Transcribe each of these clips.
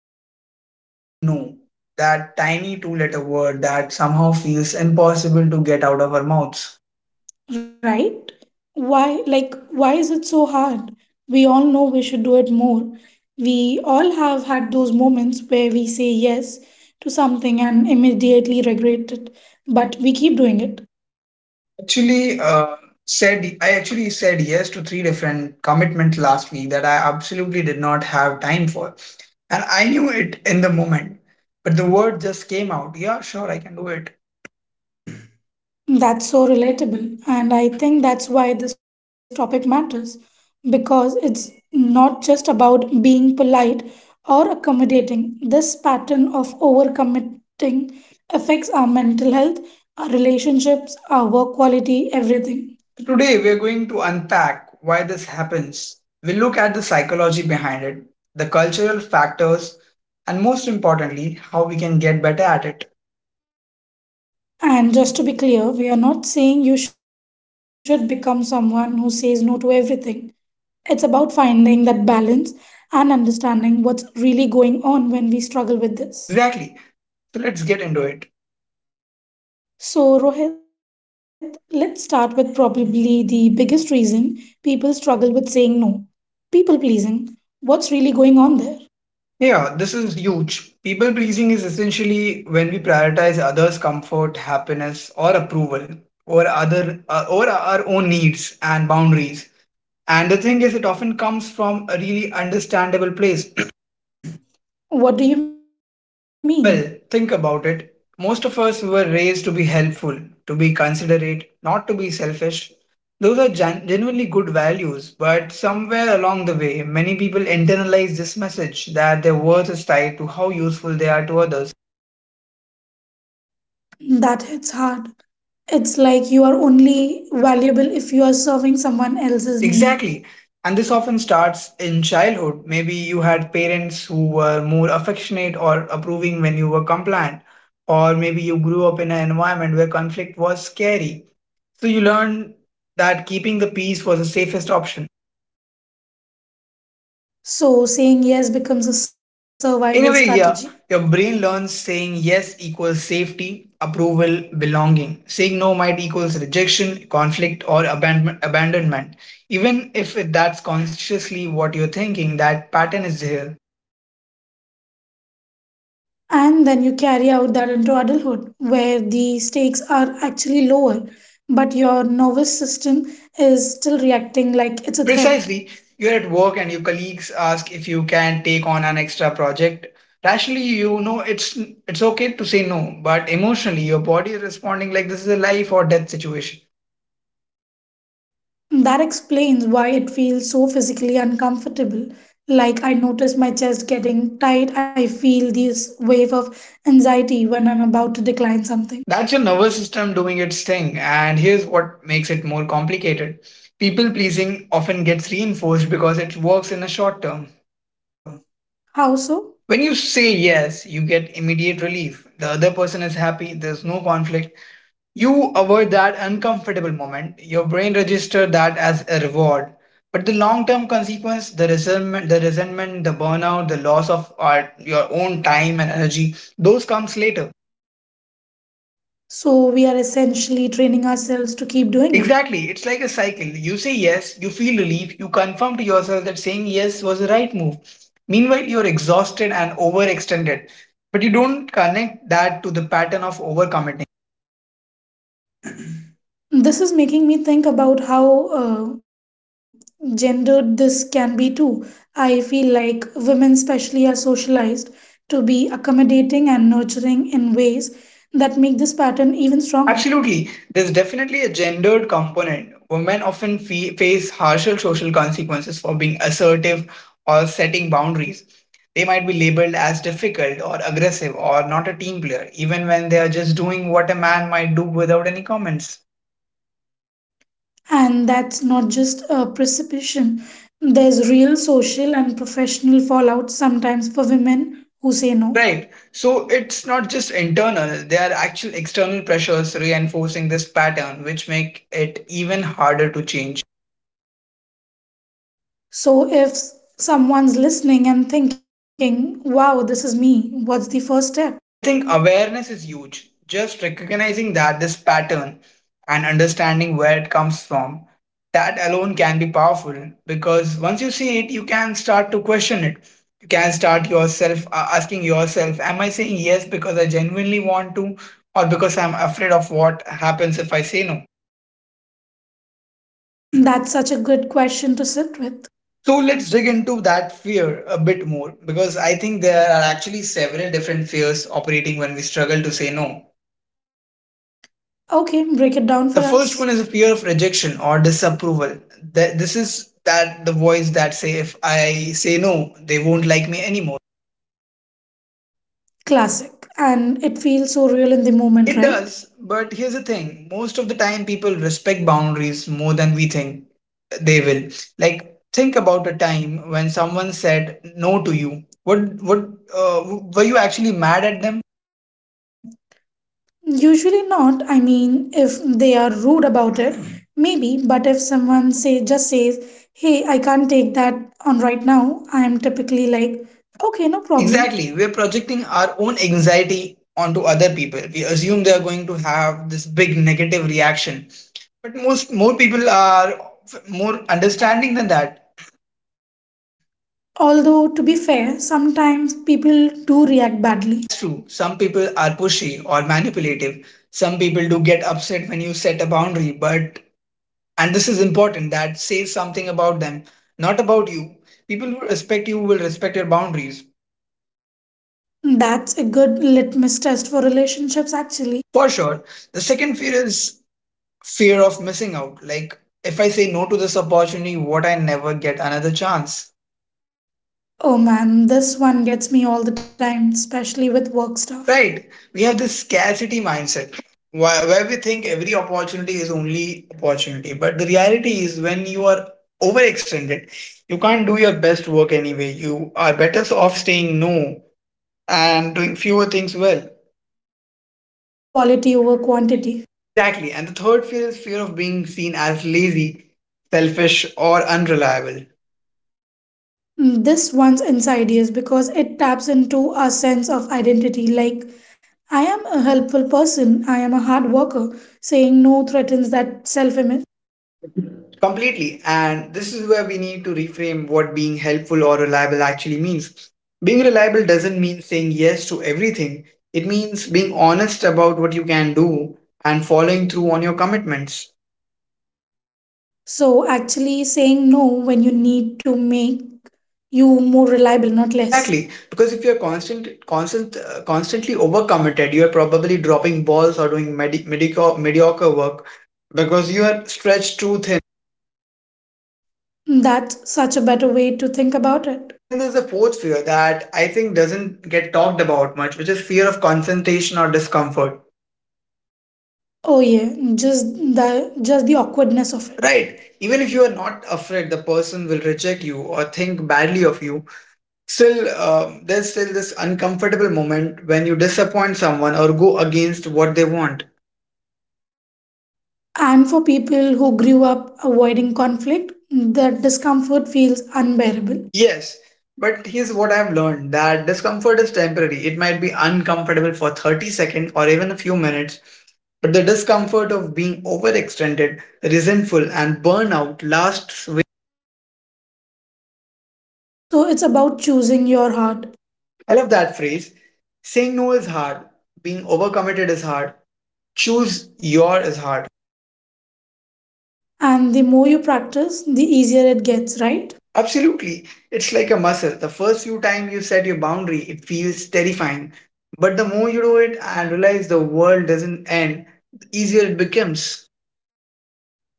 thinking about saying no, that tiny two letter word that somehow feels impossible to get out of our mouths. right? Why is it so hard? We all know we should do it more. We all have had those moments where we say yes to something and immediately regret it, but we keep doing it. Actually, said I actually said yes to three different commitments last week that I absolutely did not have time for, and I knew it in the moment, but the word just came out. Yeah, sure, I can do it. That's so relatable. And I think that's why this topic matters because it's not just about being polite or accommodating. This pattern of overcommitting affects our mental health, our relationships, our work quality, everything. Today, we're going to unpack why this happens. We'll look at the psychology behind it, the cultural factors, and most importantly, how we can get better at it. And just to be clear, we are not saying you should become someone who says no to everything. It's about finding that balance and understanding what's really going on when we struggle with this. Exactly. So, let's get into it. So, Rohit, let's start with probably the biggest reason people struggle with saying no, people pleasing. What's really going on there? Yeah, this is huge. People pleasing is essentially when we prioritize others' comfort, happiness, or approval over our own needs and boundaries. And the thing is, it often comes from a really understandable place. What do you mean? Well, think about it. Most of us were raised to be helpful, to be considerate, not to be selfish. Those are genuinely good values, but somewhere along the way, many people internalize this message that their worth is tied to how useful they are to others. That hits hard. It's like you are only valuable if you are serving someone else's need. Exactly. And this often starts in childhood. Maybe you had parents who were more affectionate or approving when you were compliant. Or maybe you grew up in an environment where conflict was scary. So you learned that keeping the peace was the safest option. So, saying yes becomes a survival In a way, yeah, strategy. your brain learns saying yes equals safety, approval, belonging. Saying no might equals rejection, conflict, or abandonment. Even if it- That's consciously what you're thinking, that pattern is there. And then you carry out that into adulthood, where the stakes are actually lower, but your nervous system is still reacting like it's a threat. Precisely, you're at work and your colleagues ask if you can take on an extra project. Rationally, you know it's okay to say no, but emotionally, your body is responding like this is a life or death situation. That explains why it feels so physically uncomfortable. Like I notice my chest getting tight, I feel this wave of anxiety when I'm about to decline something. That's your nervous system doing its thing, and here's what makes it more complicated. People pleasing often gets reinforced because it works in a short term. How so? When you say yes, you get immediate relief. The other person is happy, there's no conflict. You avoid that uncomfortable moment. Your brain registers that as a reward. But the long-term consequence, the resentment, the burnout, the loss of art, your own time and energy, those comes later. So we are essentially training ourselves to keep doing it. Exactly. It's like a cycle. You say yes, you feel relief, you confirm to yourself that saying yes was the right move. Meanwhile, you're exhausted and overextended. But you don't connect that to the pattern of overcommitment. This is making me think about how gendered this can be too. I feel like women, especially, are socialized to be accommodating and nurturing in ways that make this pattern even stronger. Absolutely. There's definitely a gendered component. Women often face harsher social consequences for being assertive or setting boundaries. They might be labeled as difficult or aggressive or not a team player, even when they are just doing what a man might do without any comments. And that's not just a precipitation. There's real social and professional fallout sometimes for women who say no. Right. So it's not just internal, there are actual external pressures reinforcing this pattern, which make it even harder to change. So if someone's listening and thinking, wow, this is me, what's the first step? I think awareness is huge. Just recognizing that this pattern and understanding where it comes from, that alone can be powerful because once you see it, you can start to question it. You can start yourself asking yourself, am I saying yes because I genuinely want to, or because I'm afraid of what happens if I say no? That's such a good question to sit with. So let's dig into that fear a bit more because I think there are actually several different fears operating when we struggle to say no. Okay, break it down The for first us. one is a fear of rejection or disapproval. This is that the voice that say if I say no, they won't like me anymore. Classic. And it feels so real in the moment, It right? does, but here's the thing. Most of the time people respect boundaries more than we think they will. Like think about a time when someone said no to you. What uh, were you actually mad at them? Usually not. I mean, if they are rude about it, maybe. But if someone say just says, "Hey, I can't take that on right now," I am typically like, "Okay, no problem." Exactly. We're projecting our own anxiety onto other people. We assume they are going to have this big negative reaction. But most more people are more understanding than that. Although to be fair, sometimes people do react badly. That's true. Some people are pushy or manipulative. Some people do get upset when you set a boundary, but and this is important that says something about them, not about you. People who respect you will respect your boundaries. That's a good litmus test for relationships, actually. For sure. The second fear is fear of missing out. Like if I say no to this opportunity, what I never get another chance? Oh man, this one gets me all the time, especially with work stuff. Right. We have this scarcity mindset where we think every opportunity is only opportunity. But the reality is, when you are overextended, you can't do your best work anyway. You are better off staying no and doing fewer things well. Quality over quantity. Exactly. And the third fear is fear of being seen as lazy, selfish, or unreliable. Mm, this one's inside is because it taps into our sense of identity, like I am a helpful person, I am a hard worker. Saying no threatens that self image. Completely. And this is where we need to reframe what being helpful or reliable actually means. Being reliable doesn't mean saying yes to everything, it means being honest about what you can do and following through on your commitments. So actually saying no when you need to make you more reliable, not less. Exactly, because if you're constantly overcommitted, you're probably dropping balls or doing mediocre work because you are stretched too thin. That's such a better way to think about it. And then there's the fourth fear that I think doesn't get talked about much, which is fear of confrontation or discomfort. Oh yeah, just the awkwardness of it. Right. Even if you are not afraid the person will reject you or think badly of you, there's still this uncomfortable moment when you disappoint someone or go against what they want. And for people who grew up avoiding conflict, that discomfort feels unbearable. Yes. But here's what I've learned that discomfort is temporary. It might be uncomfortable for 30 seconds or even a few minutes, but the discomfort of being overextended, resentful, and burnout lasts. So it's about choosing your heart. I love that phrase. Saying no is hard, being overcommitted is hard, choose your is hard. And the more you practice, the easier it gets, right? Absolutely. It's like a muscle. The first few times you set your boundary, it feels terrifying. But the more you do it and realize the world doesn't end, the easier it becomes.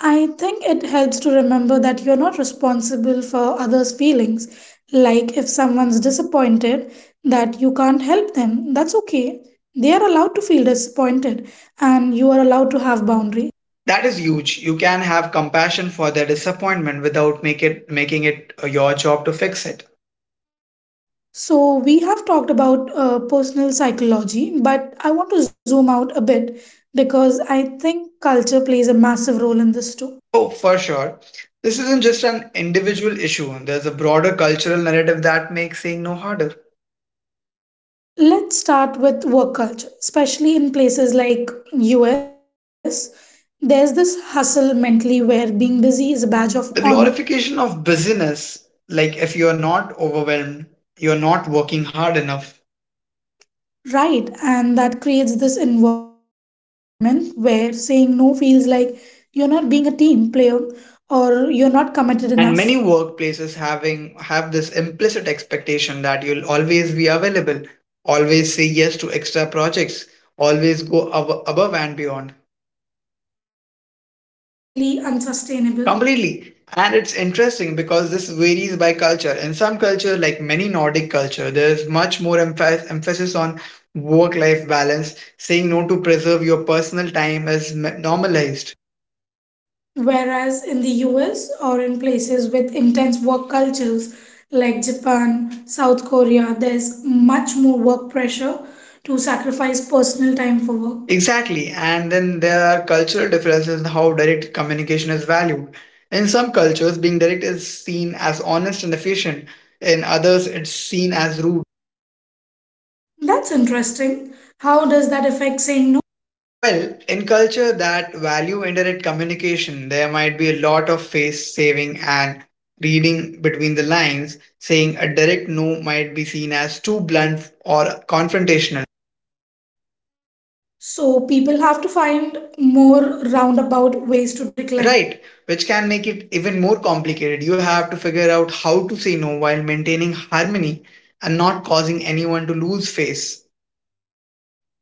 I think it helps to remember that you're not responsible for others' feelings. Like if someone's disappointed, that you can't help them. That's okay. They are allowed to feel disappointed, and you are allowed to have boundaries. That is huge. You can have compassion for their disappointment without make it making it your job to fix it. So, we have talked about personal psychology, but I want to zoom out a bit because I think culture plays a massive role in this too. Oh, for sure. This isn't just an individual issue. There's a broader cultural narrative that makes saying no harder. Let's start with work culture, especially in places like US. There's this hustle mentally where being busy is a badge of honor, The glorification of busyness, like if you're not overwhelmed you're not working hard enough. right? And that creates this environment where saying no feels like you're not being a team player or you're not committed enough, And many workplaces having have this implicit expectation that you'll always be available, always say yes to extra projects, always go above and beyond. which is totally unsustainable. Completely, and it's interesting because this varies by culture. In some culture, like many Nordic culture, there's much more emphasis on work life balance. Saying no to preserve your personal time is normalized. Whereas in the US or in places with intense work cultures like Japan, South Korea, there's much more work pressure to sacrifice personal time for work. Exactly, and then there are cultural differences in how direct communication is valued. In some cultures, being direct is seen as honest and efficient, in others, it's seen as rude. That's interesting. How does that affect saying no? Well, in culture that value indirect communication, there might be a lot of face saving and reading between the lines, saying a direct no might be seen as too blunt or confrontational. So people have to find more roundabout ways to decline. Right, which can make it even more complicated. You have to figure out how to say no while maintaining harmony and not causing anyone to lose face.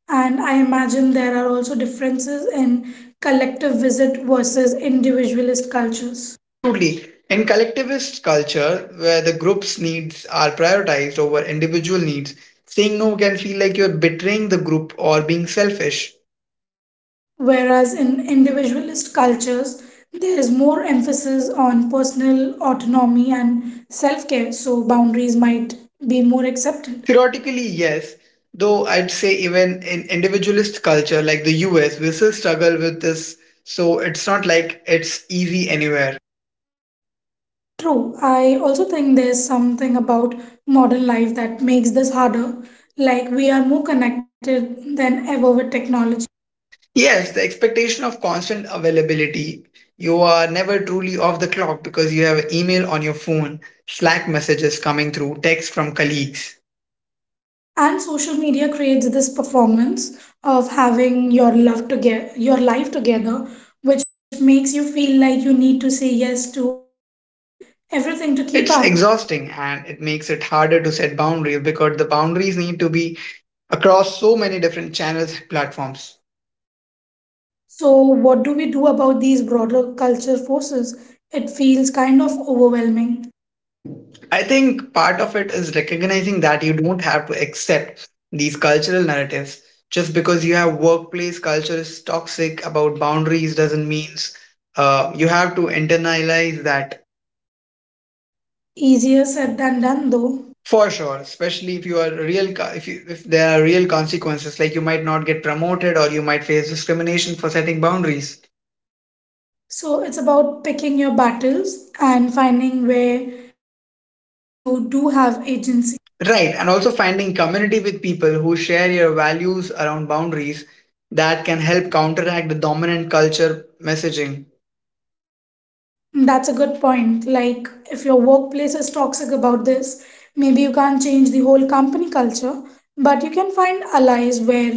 And I imagine there are also differences in collective visit versus individualist cultures. Absolutely. In collectivist culture, where the group's needs are prioritized over individual needs, saying no can feel like you're betraying the group or being selfish. Whereas in individualist cultures, there is more emphasis on personal autonomy and self care, so boundaries might be more accepted. Theoretically, yes, though I'd say even in individualist culture like the US, we still struggle with this, so it's not like it's easy anywhere. True, I also think there's something about modern life that makes this harder. Like, we are more connected than ever with technology. Yes, the expectation of constant availability. You are never truly off the clock because you have email on your phone, Slack messages coming through, text from colleagues. And social media creates this performance of having your love together, your life together, which makes you feel like you need to say yes to everything to keep up. It's exhausting and it makes it harder to set boundaries because the boundaries need to be across so many different channels and platforms. So, what do we do about these broader culture forces? It feels kind of overwhelming. I think part of it is recognizing that you don't have to accept these cultural narratives. Just because you have workplace culture is toxic about boundaries doesn't mean you have to internalize that. Easier said than done, though. For sure. Especially if you are if you if there are real consequences, like you might not get promoted or you might face discrimination for setting boundaries. So, it's about picking your battles and finding where you do have agency. Right, and also finding community with people who share your values around boundaries that can help counteract the dominant culture messaging. That's a good point. Like, if your workplace is toxic about this, maybe you can't change the whole company culture, but you can find allies where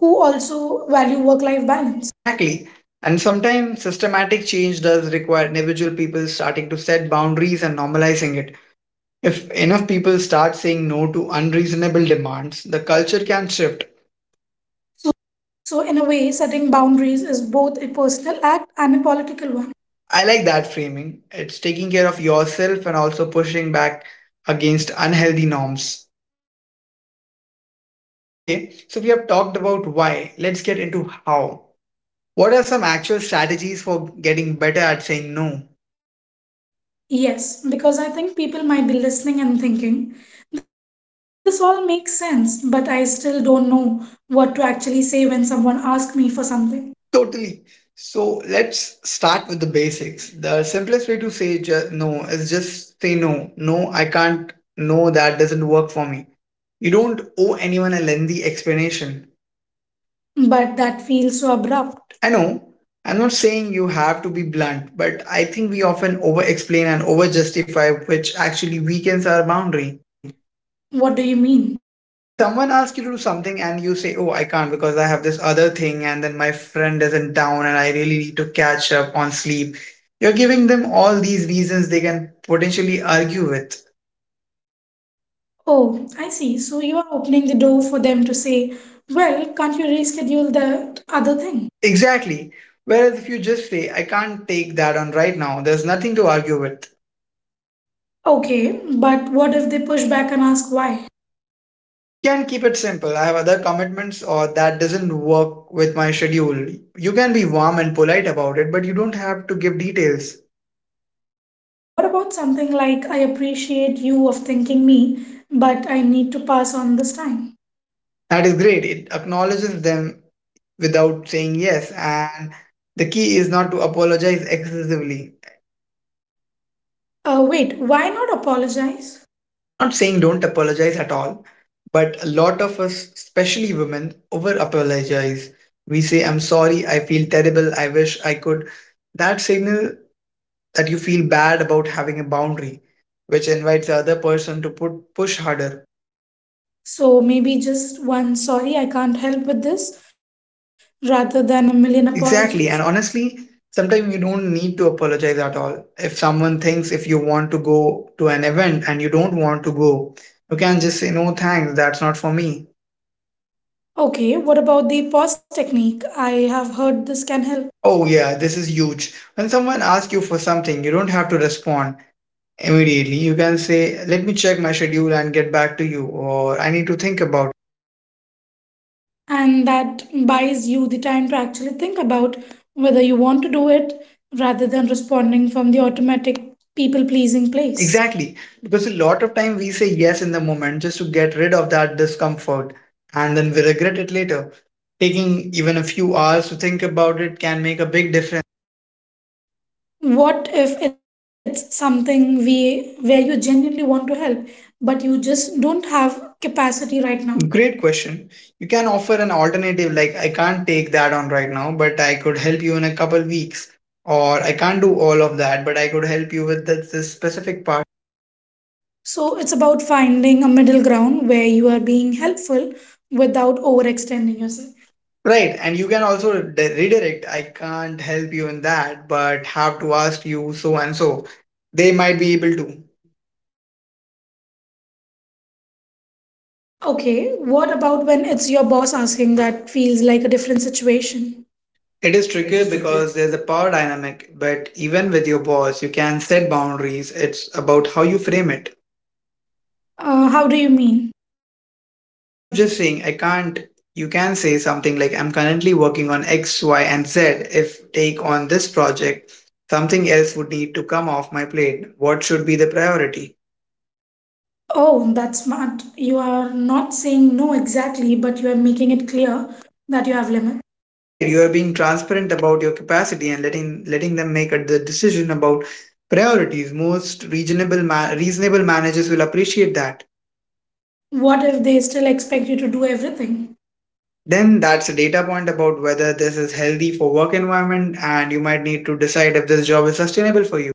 who also value work life balance. Exactly. And sometimes systematic change does require individual people starting to set boundaries and normalizing it. If enough people start saying no to unreasonable demands, the culture can shift. So, in a way, setting boundaries is both a personal act and a political one. I like that framing. It's taking care of yourself and also pushing back against unhealthy norms. Okay, so we have talked about why. Let's get into how. What are some actual strategies for getting better at saying no? Yes, because I think people might be listening and thinking, this all makes sense, but I still don't know what to actually say when someone asks me for something. Totally. So let's start with the basics. The simplest way to say no is just say no. No, I can't. No, that doesn't work for me. You don't owe anyone a lengthy explanation. But that feels so abrupt. I know. I'm not saying you have to be blunt, but I think we often over explain and over justify, which actually weakens our boundary. What do you mean? Like someone asks you to do something and you say, "Oh, I can't because I have this other thing," and then my friend isn't down and I really need to catch up on sleep. You're giving them all these reasons they can potentially argue with. Oh, I see. So you are opening the door for them to say, well, can't you reschedule that other thing? Exactly. Whereas if you just say, "I can't take that on right now," there's nothing to argue with. Okay, but what if they push back and ask why? You can keep it simple. I have other commitments or that doesn't work with my schedule. You can be warm and polite about it, but you don't have to give details. What about something like, I appreciate you of thinking me, but I need to pass on this time? That is great. It acknowledges them without saying yes. And the key is not to apologize excessively. Wait, why not apologize? I'm not saying don't apologize at all, but a lot of us, especially women, over apologize. We say, I'm sorry, I feel terrible, I wish I could. That signal that you feel bad about having a boundary, which invites the other person to push harder. So maybe just one sorry, I can't help with this, rather than a million apologies. Exactly. And honestly, sometimes you don't need to apologize at all. If someone thinks if you want to go to an event and you don't want to go, you can just say, no, thanks, that's not for me. Okay, what about the pause technique? I have heard this can help, Oh, yeah, this is huge. When someone asks you for something, you don't have to respond immediately. You can say, let me check my schedule and get back to you, or I need to think about. and that buys you the time to actually think about whether you want to do it rather than responding from the automatic people pleasing place. Exactly. Because a lot of time we say yes in the moment just to get rid of that discomfort and then we regret it later. Taking even a few hours to think about it can make a big difference. What if it's something we where you genuinely want to help, but you just don't have capacity right now? Great question. You can offer an alternative like I can't take that on right now, but I could help you in a couple weeks. Or I can't do all of that, but I could help you with this specific part. So it's about finding a middle ground where you are being helpful without overextending yourself. Right. And you can also redirect. I can't help you in that, but have to ask you so and so. They might be able to. Okay, what about when it's your boss asking that feels like a different situation? It is tricky because there's a power dynamic, but even with your boss, you can set boundaries. It's about how you frame it. How do you mean? Instead of just saying, I can't, you can say something like, I'm currently working on X, Y, and Z. If take on this project, something else would need to come off my plate. What should be the priority? Oh, that's smart. You are not saying no exactly, but you are making it clear that you have limits. Right, you are being transparent about your capacity and letting them make the decision about priorities. Most reasonable reasonable managers will appreciate that. What if they still expect you to do everything? Then that's a data point about whether this is healthy for work environment and you might need to decide if this job is sustainable for you.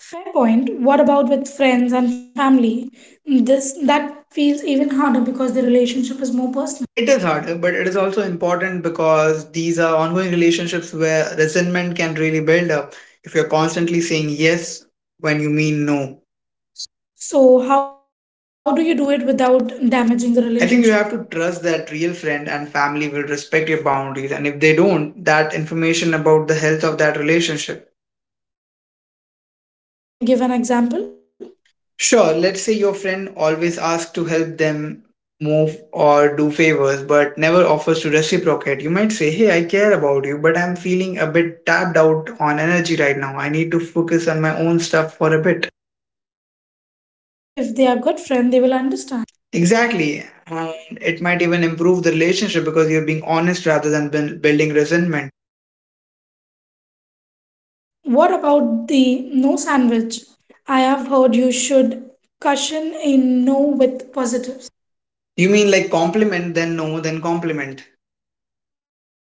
Fair point. What about with friends and family? This that feels even harder because the relationship is more personal. It is harder, but it is also important because these are ongoing relationships where resentment can really build up if you're constantly saying yes when you mean no. So, how do you do it without damaging the relationship? I think you have to trust that real friend and family will respect your boundaries and if they don't, that information about the health of that relationship. Can you give an example? Sure, let's say your friend always asks to help them move or do favors but never offers to reciprocate. You might say, hey, I care about you, but I'm feeling a bit tapped out on energy right now. I need to focus on my own stuff for a bit. And if they are good friend, they will understand. Exactly. And it might even improve the relationship because you're being honest rather than building resentment. What about the no sandwich? I have heard you should cushion a no with positives. You mean like compliment, then no, then compliment.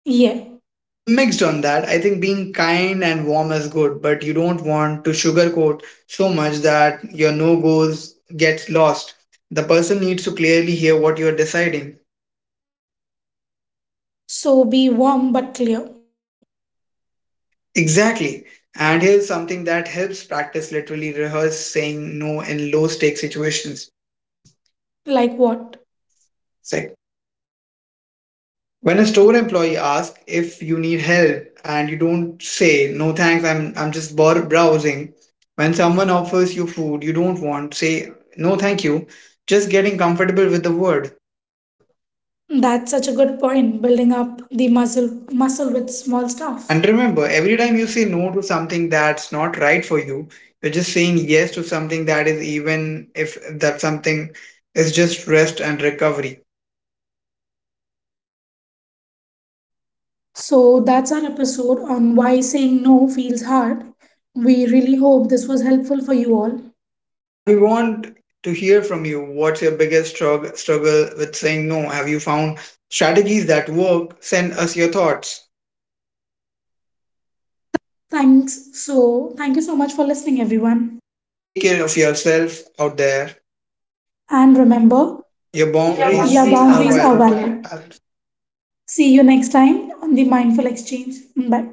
Yeah. I'm mixed on that. I think being kind and warm is good, but you don't want to sugarcoat so much that your no goals gets lost. The person needs to clearly hear what you're deciding. So be warm but clear. Exactly. And here's something that helps: practice, literally rehearse saying no in low stake situations. Like what? It's like when a store employee asks if you need help and you don't say, no thanks, I'm just browsing. When someone offers you food you don't want, say, no thank you, just getting comfortable with the word. That's such a good point. Building up the muscle with small stuff. And remember, every time you say no to something that's not right for you, you're just saying yes to something that is, even if that something is just rest and recovery. So that's our episode on why saying no feels hard. We really hope this was helpful for you all. And we want to hear from you. What's your biggest struggle with saying no? Have you found strategies that work? Send us your thoughts. Thanks. So, thank you so much for listening, everyone. Take care of yourself out there. And remember, Your boundaries your are boundaries are valid. valid. Valid. See you next time on the Mindful Exchange. Bye.